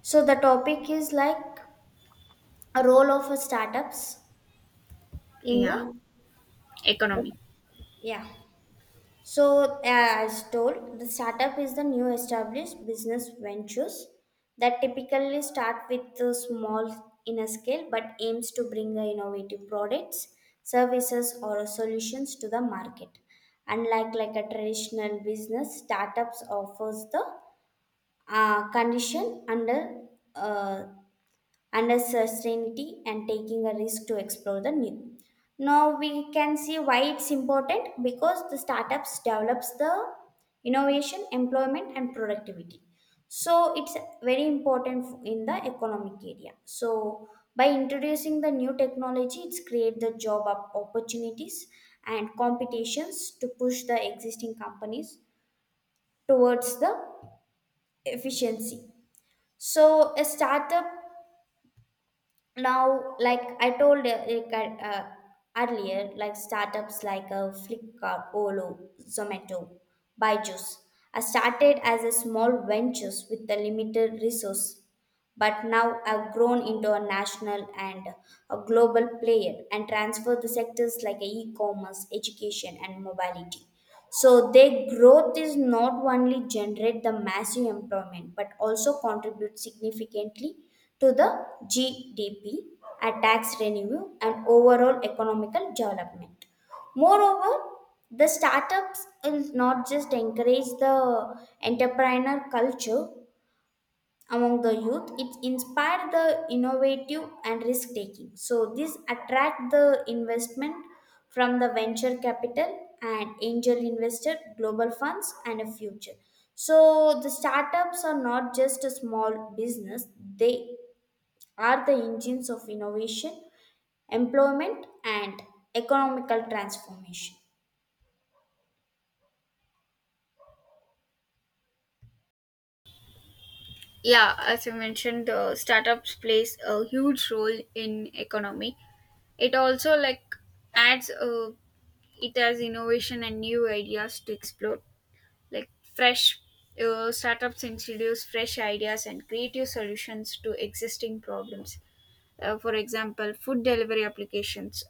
So the topic is like a role of a startups in Yeah, the economy. yeah. So as told, the startup is the new established business ventures that typically start with a small in a scale but aims to bring a innovative products, services or solutions to the market. Unlike like a traditional business, startups offers the condition under uh, under certainty and taking a risk to explore the new. Now we can see why it's important because the startups develops the innovation, employment and productivity. So it's very important in the economic area. So by introducing the new technology, it's create the opportunities and competitions to push the existing companies towards the efficiency. So a startup now like I told earlier like startups like flipkart olo zomato byju's I started as a small ventures with a limited resource but now I've grown into a national and a global player and transferred the sectors like e-commerce education and mobility, so their growth is not only generate the massive employment but also contribute significantly to the GDP, a tax revenue, and overall economical development. Moreover, the startups is not just encourage the entrepreneur culture, among the youth it inspired the innovative and risk taking, so this attract the investment from the venture capital and angel investor global funds and a future. So the startups are not just a small business, they are the engines of innovation, employment and economical transformation. Yeah, as you mentioned, startups plays a huge role in economy. It also like adds, it has innovation and new ideas to explore. Like fresh, startups introduce fresh ideas and creative solutions to existing problems. For example, food delivery applications,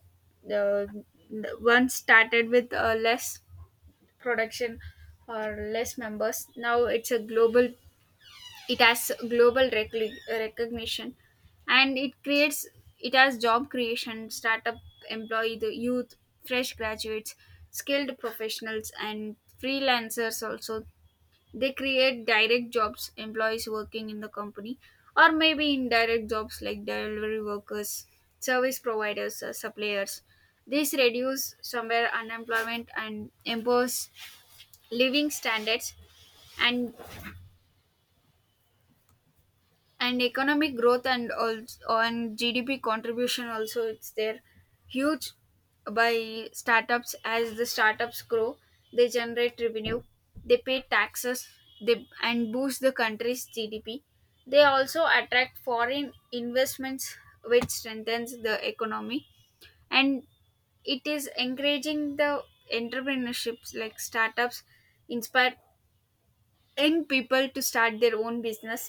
the, the one started with less production, or less members. Now it's a global, it has global recognition. And it has job creation. Startup employee the youth, fresh graduates, skilled professionals, and freelancers also. They create direct jobs, employees working in the company, or maybe indirect jobs like delivery workers, service providers, suppliers. This reduce somewhere unemployment and impose living standards, and and economic growth, and also on GDP contribution also it's there, huge, by startups. As the startups grow, they generate revenue, they pay taxes, they and boost the country's GDP. They also attract foreign investments, which strengthens the economy. And it is encouraging the entrepreneurships, like startups inspire young people to start their own business.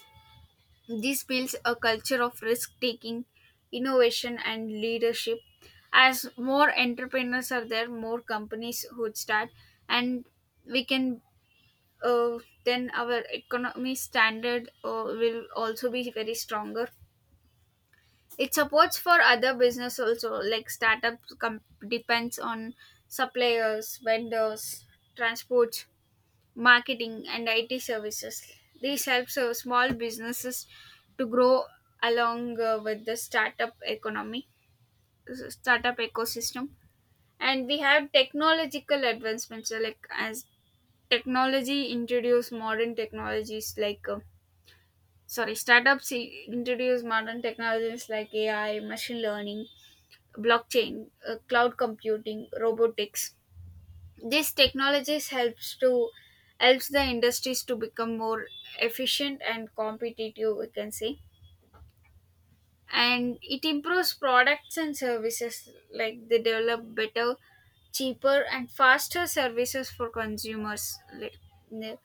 This builds a culture of risk taking, innovation, and leadership. As more entrepreneurs are there, more companies would start, and we can uh, then our economy standard will also be very stronger. It supports for other business also, like startups depends on suppliers, vendors, transports, marketing, and IT services. These helps so small businesses to grow along, with the startup economy, startup ecosystem. And we have technological advancements, like as technology introduce modern technologies like, sorry, startups introduce modern technologies like AI, machine learning, blockchain, cloud computing, robotics. These technologies helps the industries to become more efficient and competitive, we can say. And it improves products and services. Like they develop better, cheaper, and faster services for consumers. Ne-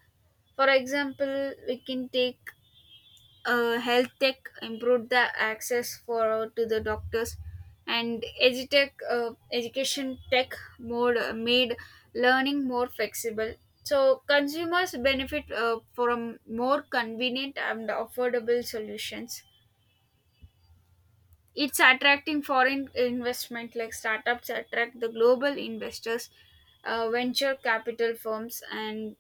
For example, we can take, health tech improved the access for to the doctors, and edutech, education tech mode made learning more flexible, so consumers benefit from more convenient and affordable solutions. It's attracting foreign investment, like startups attract the global investors, venture capital firms, and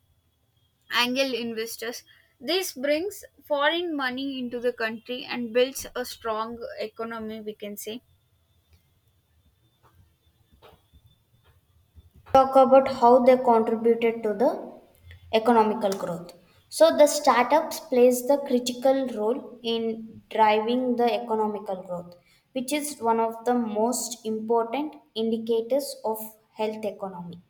angel investors. This brings foreign money into the country and builds a strong economy, we can say. Talk about how they contributed to the economical growth. So the startups plays the critical role in driving the economical growth, which is one of the most important indicators of health economy.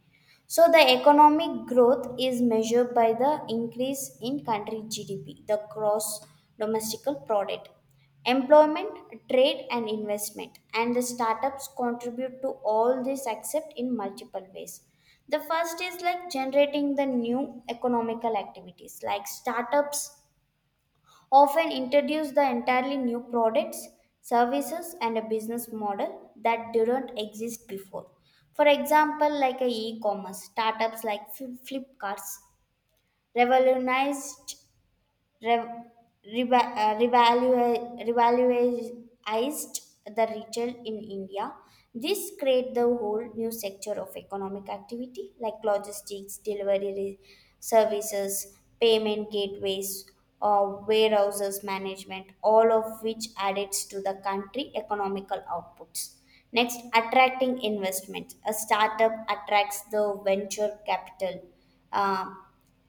So the economic growth is measured by the increase in country GDP, the gross domestical product, employment, trade, and investment, and the startups contribute to all this except in multiple ways. The first is like generating the new economical activities, like startups often introduce the entirely new products, services, and a business model that didn't exist before. For example, like a e-commerce startups like Flipkart's revolutionized rev- revaluated the retail in India. This create the whole new sector of economic activity like logistics, services, payment gateways, or warehouses management, all of which adds to the country economical outputs. Next, attracting investment. A startup attracts the venture capital. Uh,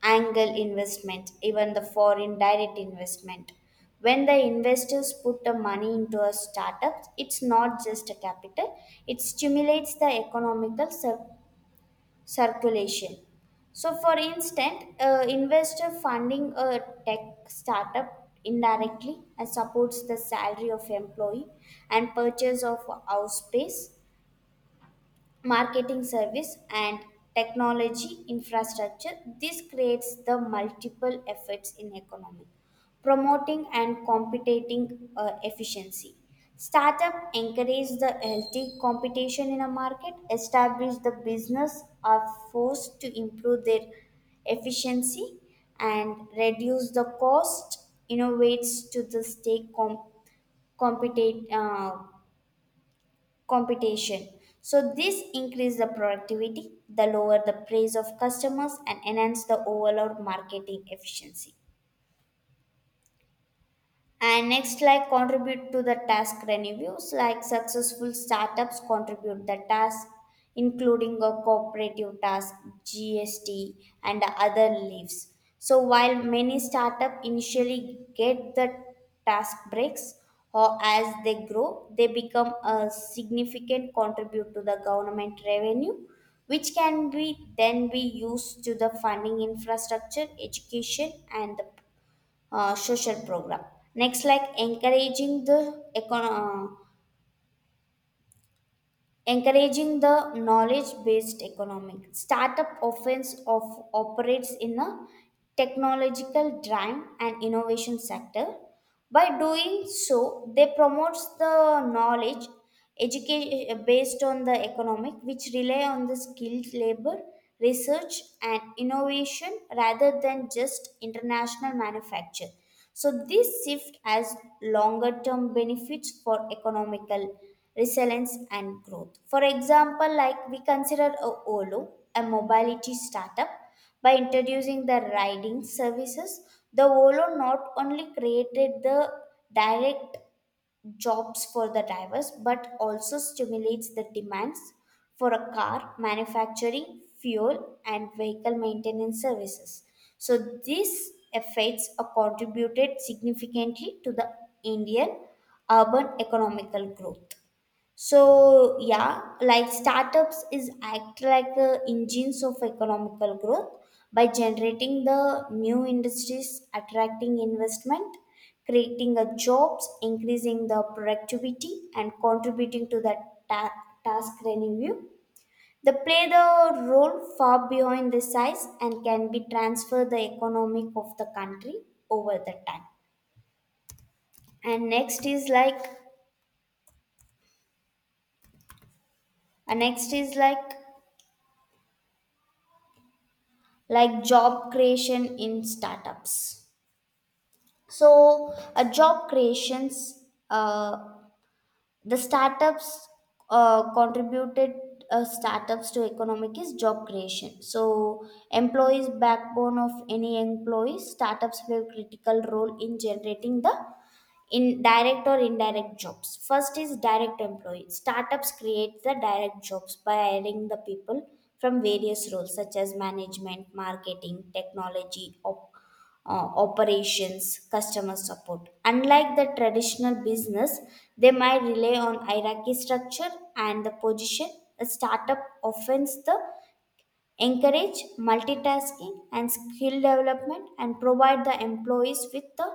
Angle investment, even the foreign direct investment. When the investors put the money into a startup, it's not just a capital, it stimulates the economical circulation. So, for instance, investor funding a tech startup indirectly and supports the salary of employee and purchase of house space, marketing service and technology infrastructure. This creates the multiple effects in economy, promoting and competing efficiency. Startup encourage the healthy competition in a market, establish the business are forced to improve their efficiency and reduce the cost, innovates to the stay competitive competition. So this increase the productivity, the lower the price of customers and enhance the overall marketing efficiency. And next, like contribute to the task reviews, like successful startups contribute the task, including a cooperative task, GST, and other leaves. So while many startup initially get the task breaks, or as they grow, they become a significant contribute to the government revenue, which can be then be used to the funding infrastructure, education, and the social program. Next, like encouraging the knowledge-based economic startup offense of operates in a technological drive and innovation sector. By doing so, they promotes the knowledge education based on the economic, which rely on the skilled labor, research, and innovation rather than just international manufacture. So this shift has longer term benefits for economical resilience and growth. For example, like we consider a Olo, a mobility startup, by introducing the riding services, the Olo not only created the direct jobs for the drivers but also stimulates the demands for a car manufacturing fuel and vehicle maintenance services. So these effects are contributed significantly to the indian urban economical growth. So yeah, like startups is act like engines of economical growth by generating the new industries, attracting investment, creating a jobs, increasing the productivity, and contributing to the ta- task revenue. They play the role far beyond the size and can be transfer the economic of the country over the time. And next is like job creation in startups. So, a job creations, uh, the startups contributed startups to economic is job creation. So, employees backbone of any employees, startups play a critical role in generating the in direct or indirect jobs. First is direct employee. Startups create the direct jobs by hiring the people from various roles such as management, marketing, technology, operations, customer support. Unlike the traditional business, they might rely on hierarchy structure and the position. A startup offers the encourage multitasking and skill development and provide the employees with the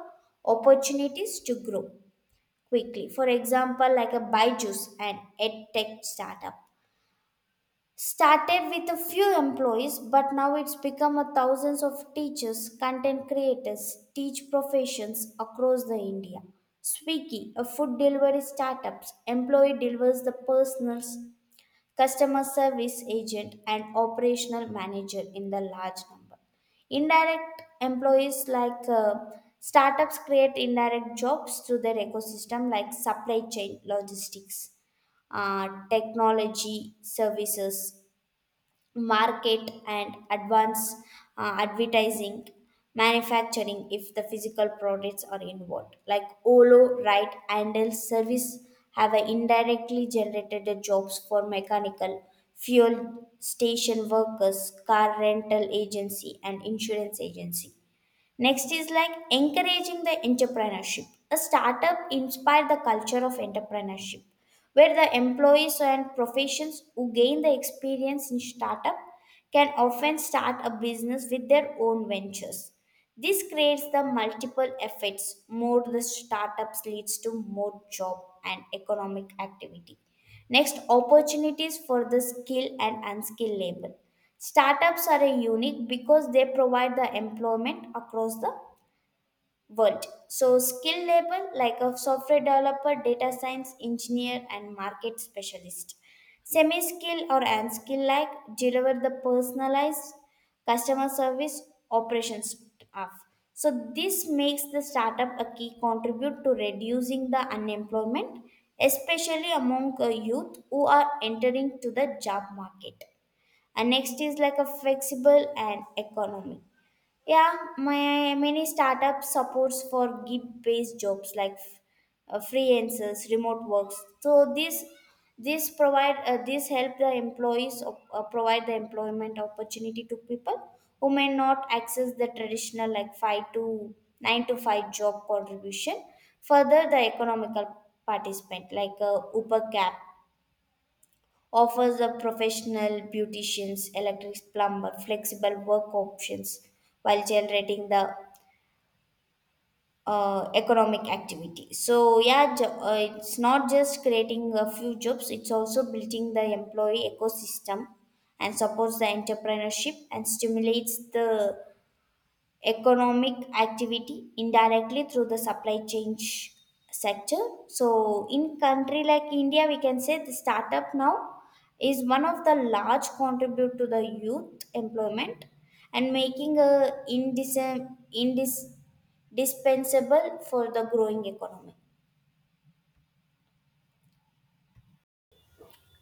opportunities to grow quickly. For example, like a Byju's, an edtech startup. Started with a few employees, but now it's become a thousands of teachers, content creators, teach professions across the India. Swiggy, a food delivery startup, employee delivers the personals customer service agent, and operational manager in the large number. Indirect employees like startups create indirect jobs through their ecosystem like supply chain logistics, technology services, market and advance advertising, manufacturing if the physical products are involved, like olo right handle service have a indirectly generated the jobs for mechanical, fuel station workers, car rental agency and insurance agency. Next is like encouraging the entrepreneurship. A startup inspires the culture of entrepreneurship, where the employees and professions who gain the experience in startup can often start a business with their own ventures. This creates the multiple effects. More the startups leads to more job and economic activity. Next, opportunities for the skilled and unskilled labor. Startups are a unique because they provide the employment across the world. So, skill level like a software developer, data science engineer, and market specialist. Semi skill or unskill like deliver the personalized customer service operations staff. So, this makes the startup a key contribute to reducing the unemployment, especially among youth who are entering to the job market. And next is like a flexible and economic. Yeah, my many startup supports for gig-based jobs like freelancers, remote works. So this provide this help the employees provide the employment opportunity to people who may not access the traditional like five to nine to five job contribution. Further, the economical participant like Uber Cap offers the professional beauticians, electric plumber, flexible work options while generating the economic activity. So yeah, it's not just creating a few jobs; it's also building the employee ecosystem and supports the entrepreneurship and stimulates the economic activity indirectly through the supply chain sector. So in country like india we can say the startup now is one of the large contribute to the youth employment and making a indis- dispensable for the growing economy.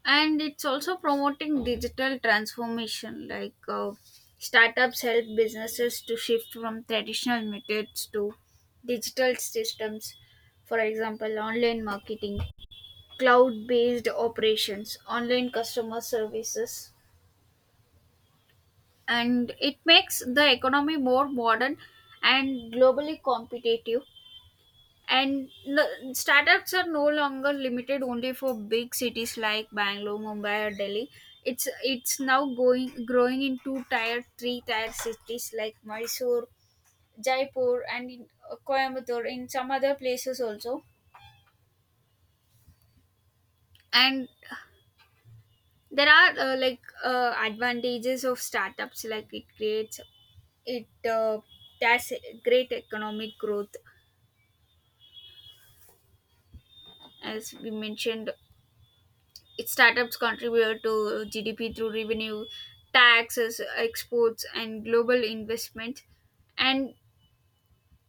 And it's also promoting digital transformation, like, startups help businesses to shift from traditional methods to digital systems, for example, online marketing, cloud based operations, online customer services. And it makes the economy more modern and globally competitive. And the startups are no longer limited only for big cities like Bangalore, Mumbai, or Delhi. It's now going growing into tier three, tier cities like Mysore, Jaipur, and in Coimbatore, in some other places also. And there are, like, advantages of startups, like it creates it that's great economic growth, as we mentioned. Its startups contribute to GDP through revenue, taxes, exports, and global investment. And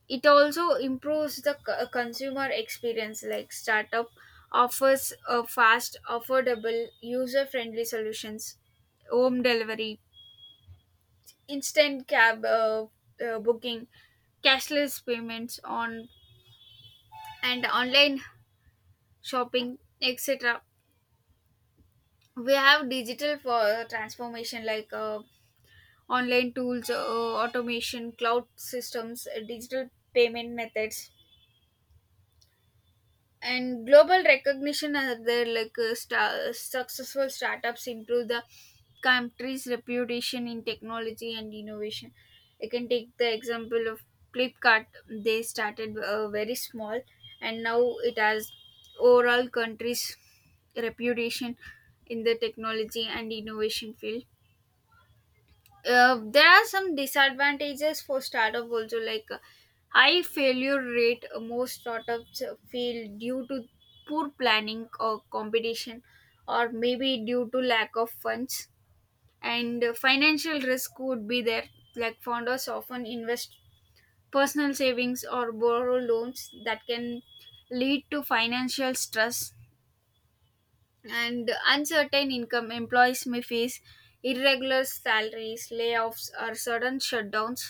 it also improves the consumer experience. Like startup offers a fast, affordable, user-friendly solutions, home delivery, instant cab, booking, cashless payments on and online shopping, etc. We have digital for transformation like. Online tools, automation, cloud systems, digital payment methods, and global recognition are there. Like, successful startups improve the country's reputation in technology and innovation. I can take the example of Flipkart. They started very small, and now it has overall country's reputation in the technology and innovation field. There are some disadvantages for startup also, like, high failure rate. Most startups fail due to poor planning or competition, or maybe due to lack of funds. And financial risk would be there, like founders often invest personal savings or borrow loans that can lead to financial stress. And uncertain income, employees may face irregular salaries, layoffs, or sudden shutdowns.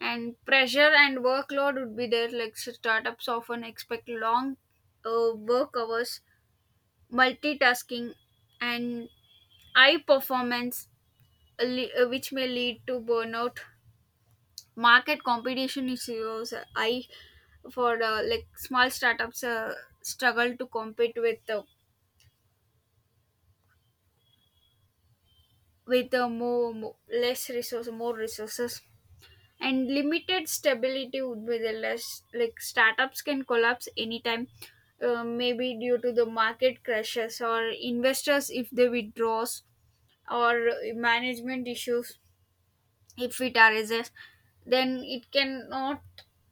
And pressure and workload would be there, like startups often expect long work hours, multitasking, and high performance, which may lead to burnout. Market competition is also high for, like small startups struggle to compete with more, more less resources, more resources. And limited stability would be the less, like startups can collapse anytime, maybe due to the market crashes, or investors if they withdraws, or management issues. If it arises, then it cannot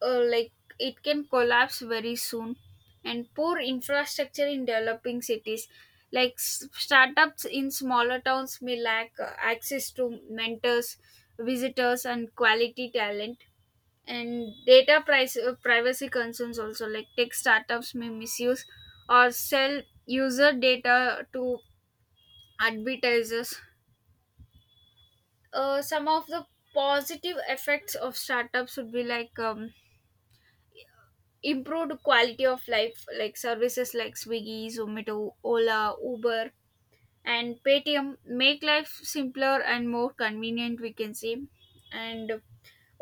like it can collapse very soon. And poor infrastructure in developing cities, like startups in smaller towns may lack access to mentors, visitors, and quality talent. And privacy concerns also, like tech startups may misuse or sell user data to advertisers. Some of the positive effects of startups would be, like, improved quality of life, like services like Swiggy, Zomato, Ola, Uber, and Paytm make life simpler and more convenient, we can say. And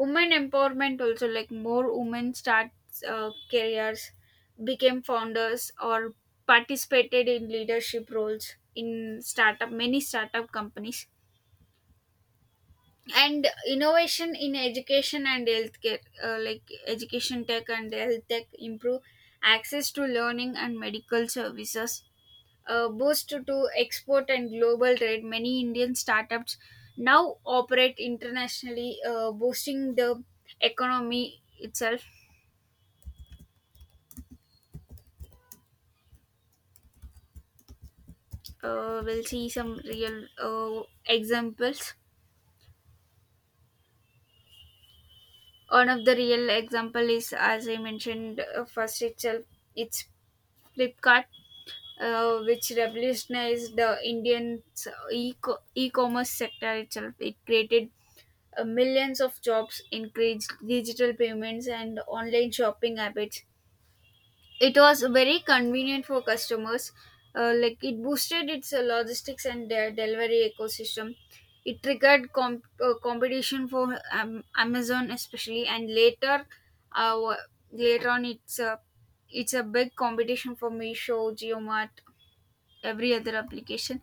women empowerment also, like more women start careers, became founders, or participated in leadership roles in startup, many startup companies. And innovation in education and healthcare, like education tech and health tech improve access to learning and medical services. Boost to export and global trade, many Indian startups now operate internationally, boosting the economy itself. We'll see some real examples. One of the real example is, as I mentioned first itself, it's Flipkart, which revolutionized the Indian e-commerce sector itself. It created millions of jobs, increased digital payments, and online shopping habits. It was very convenient for customers. Like it boosted its logistics and their delivery ecosystem. It triggered competition for Amazon especially, and later, uh, wa- later on, it's a big competition for Meesho, JioMart, every other application,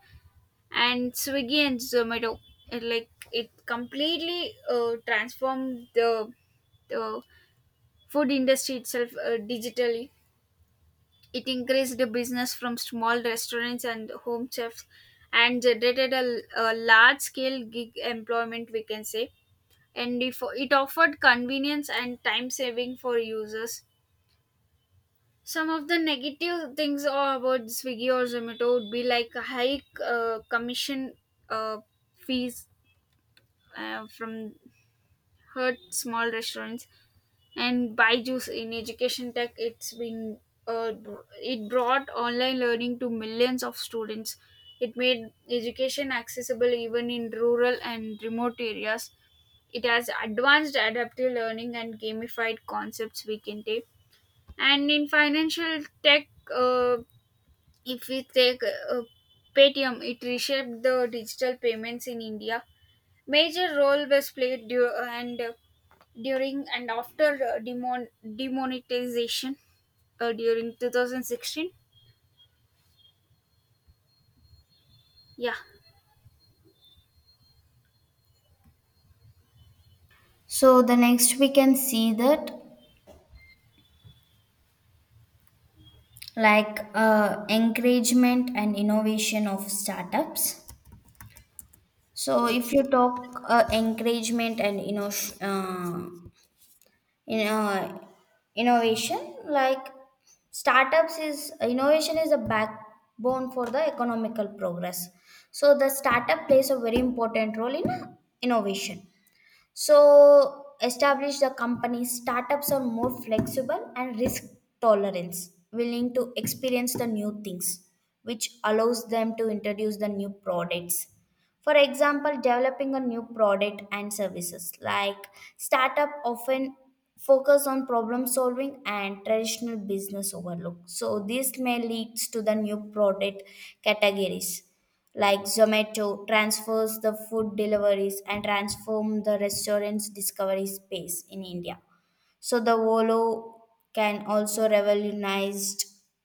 and Swiggy and Zomato. It completely transformed the food industry itself, digitally. It increased business from small restaurants and home chefs, and generated a large scale gig employment, we can say. And if, It offered convenience and time saving for users. Some of the negative things are about Swiggy or Zomato would be, like, high commission uh, fees from, hurt small restaurants. And Byju's in education tech, uh, it brought online learning to millions of students. It made education accessible even in rural and remote areas. It has advanced adaptive learning and gamified concepts, we can take. And in financial tech, uh, if we take Paytm, it reshaped the digital payments in India. Major role was played du- and during and after demonetization during 2016. Yeah. So the next we can see that like encouragement and innovation of startups. So if Yes. you talk encouragement and inno- in, innovation, like startups is innovation is a backbone for the economical progress. So the startup plays a very important role in innovation. So establish the company. Startups are more flexible and risk tolerance, willing to experience the new things, which allows them to introduce the new products. For example, developing a new product and services like startup often focus on problem solving and traditional business overlook. So this may leads to the new product categories like Zomato transfers the food deliveries and transform the restaurant's discovery space in India. So the Volo can also revolutionize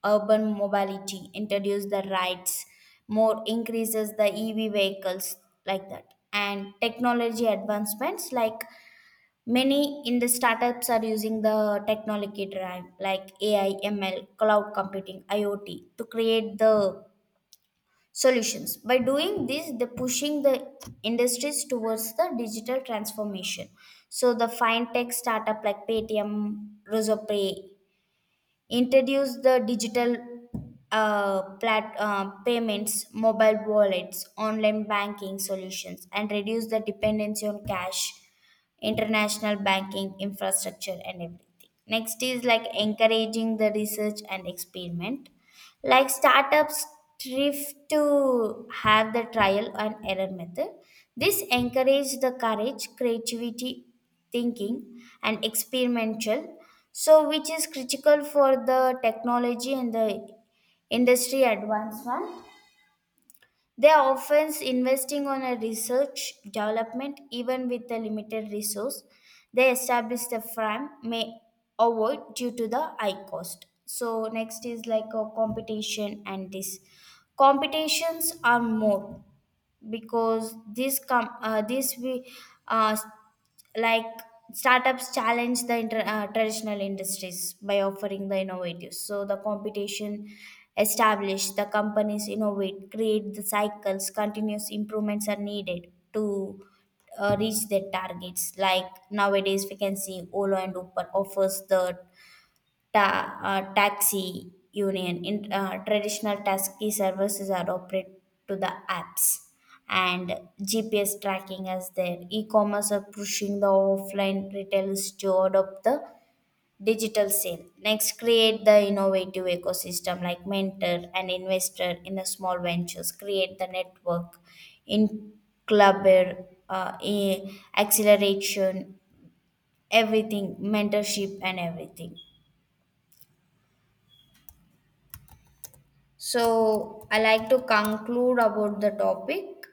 urban mobility, introduce the rides, more increases the EV vehicles like that. And technology advancements like many in the startups are using the technology drive like AI, ML, cloud computing, IoT to create the solutions. By doing this they're pushing the industries towards the digital transformation. So the fintech startup like paytm rozopay introduce the digital payments, mobile wallets, online banking solutions and reduce the dependency on cash international banking infrastructure and everything. Next is like encouraging the research and experiment like startups thrift to have the trial and error method. This encourage the courage creativity thinking and experimental, so which is critical for the technology and the industry advancement. They are often investing on a research development even with a limited resource. They establish the firm may avoid due to the high cost. So next is like a competition and this competitions are more because this com- this we uh, like startups challenge the traditional industries by offering the innovative. So the competition established the companies innovate create the cycles continuous improvements are needed to reach their targets like nowadays we can see olo and uber offers the taxi union in traditional taxi services are operated to the apps and gps tracking as their e-commerce are pushing the offline retailers to adopt the digital sale. Next create the innovative ecosystem like mentor and investor in the small ventures create the network in clubber in acceleration everything mentorship and everything. So I like to conclude about the topic.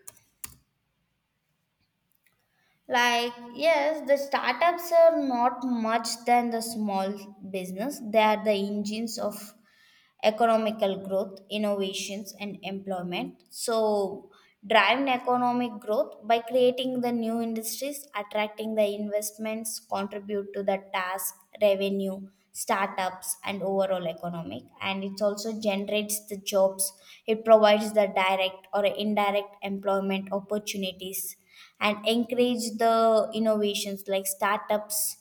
Like, yes, the startups are not much than the small business. They are the engines of economical growth, innovations, and employment. So, driving economic growth by creating the new industries, attracting the investments, contribute to the task, revenue, startups, and overall economic. And it also generates the jobs, it provides the direct or indirect employment opportunities, and encourage the innovations like startups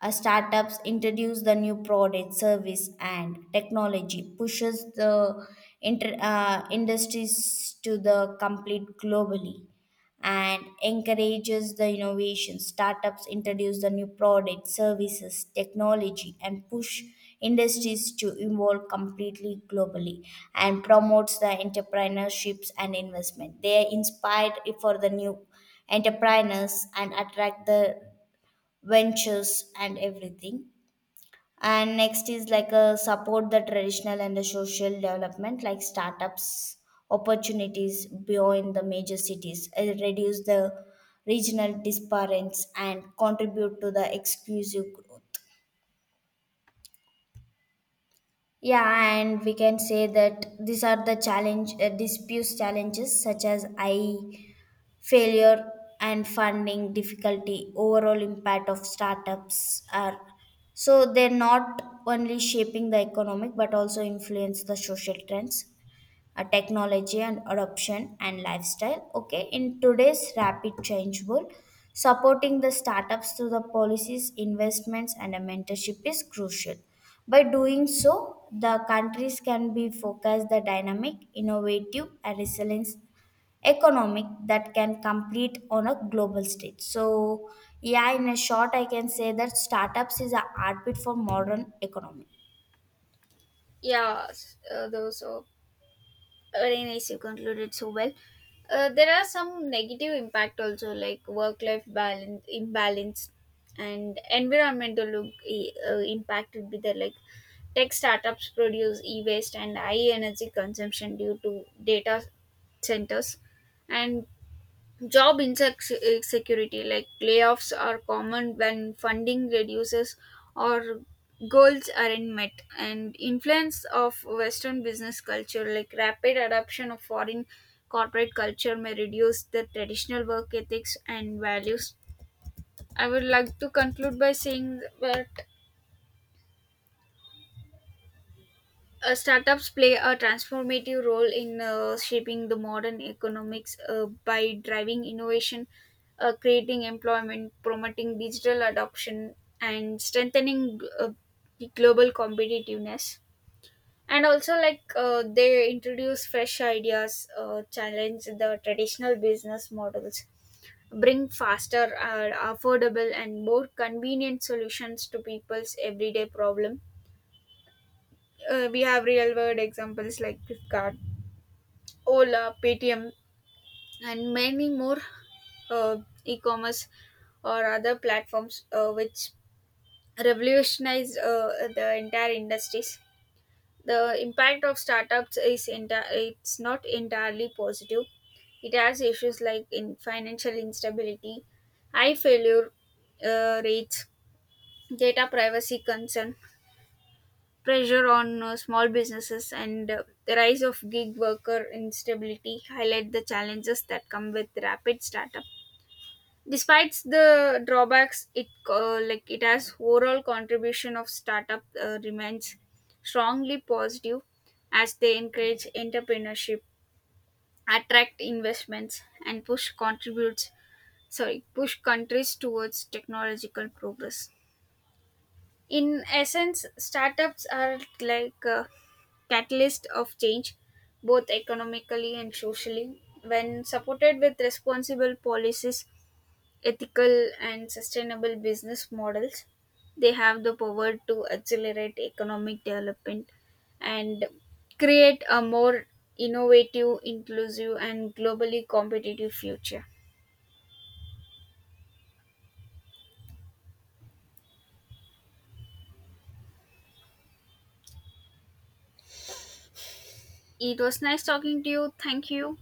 uh, startups introduce the new product, service, and technology, pushes the industries to the complete globally, and encourages the innovation. Startups introduce the new product, services, technology, and push industries to evolve completely globally, and promotes the entrepreneurships and investment. They are inspired for the new entrepreneurs and attract the ventures and everything. And next is like a support the traditional and the social development like startups opportunities beyond the major cities reduce the regional disparities and contribute to the exclusive growth. Yeah, and we can say that these are the challenge disputes challenges such as I. failure and funding difficulty overall impact of startups are, so they're not only shaping the economic but also influence the social trends, technology and adoption and lifestyle. Okay, in today's rapid change world supporting the startups through the policies investments and a mentorship is crucial. By doing so, the countries can be focused the dynamic innovative and resilient economic that can compete on a global stage. So yeah, in a short I can say that startups is a heartbeat for modern economy. Yeah, those are very nice. You concluded so well. There are some negative impact also, like work-life balance imbalance, and impact would be there, like tech startups produce e-waste and high energy consumption due to data centers. And job insecurity, like layoffs, are common when funding reduces or goals aren't met. And influence of Western business culture, like rapid adoption of foreign corporate culture, may reduce the traditional work ethics and values. I would like to conclude by saying that. Startups play a transformative role in shaping the modern economics, by driving innovation, creating employment, promoting digital adoption, and strengthening the global competitiveness. And also, like, they introduce fresh ideas, challenge the traditional business models, bring faster, affordable, and more convenient solutions to people's everyday problem. We have real world examples like Flipkart, Ola, Paytm, and many more uh, e-commerce or other platforms, which revolutionize the entire industries. The impact of startups is it's not entirely positive. It has issues like in financial instability, high failure rates, data privacy concern, pressure on small businesses, and, the rise of gig worker instability highlight the challenges that come with rapid startup. Despite the drawbacks, it has overall contribution of startup, remains strongly positive, as they encourage entrepreneurship, attract investments, and push contributes sorry push countries towards technological progress. In essence, startups are like a catalyst of change, both economically and socially. When supported with responsible policies, ethical and sustainable business models, they have the power to accelerate economic development and create a more innovative, inclusive, and globally competitive future. It was nice talking to you. Thank you.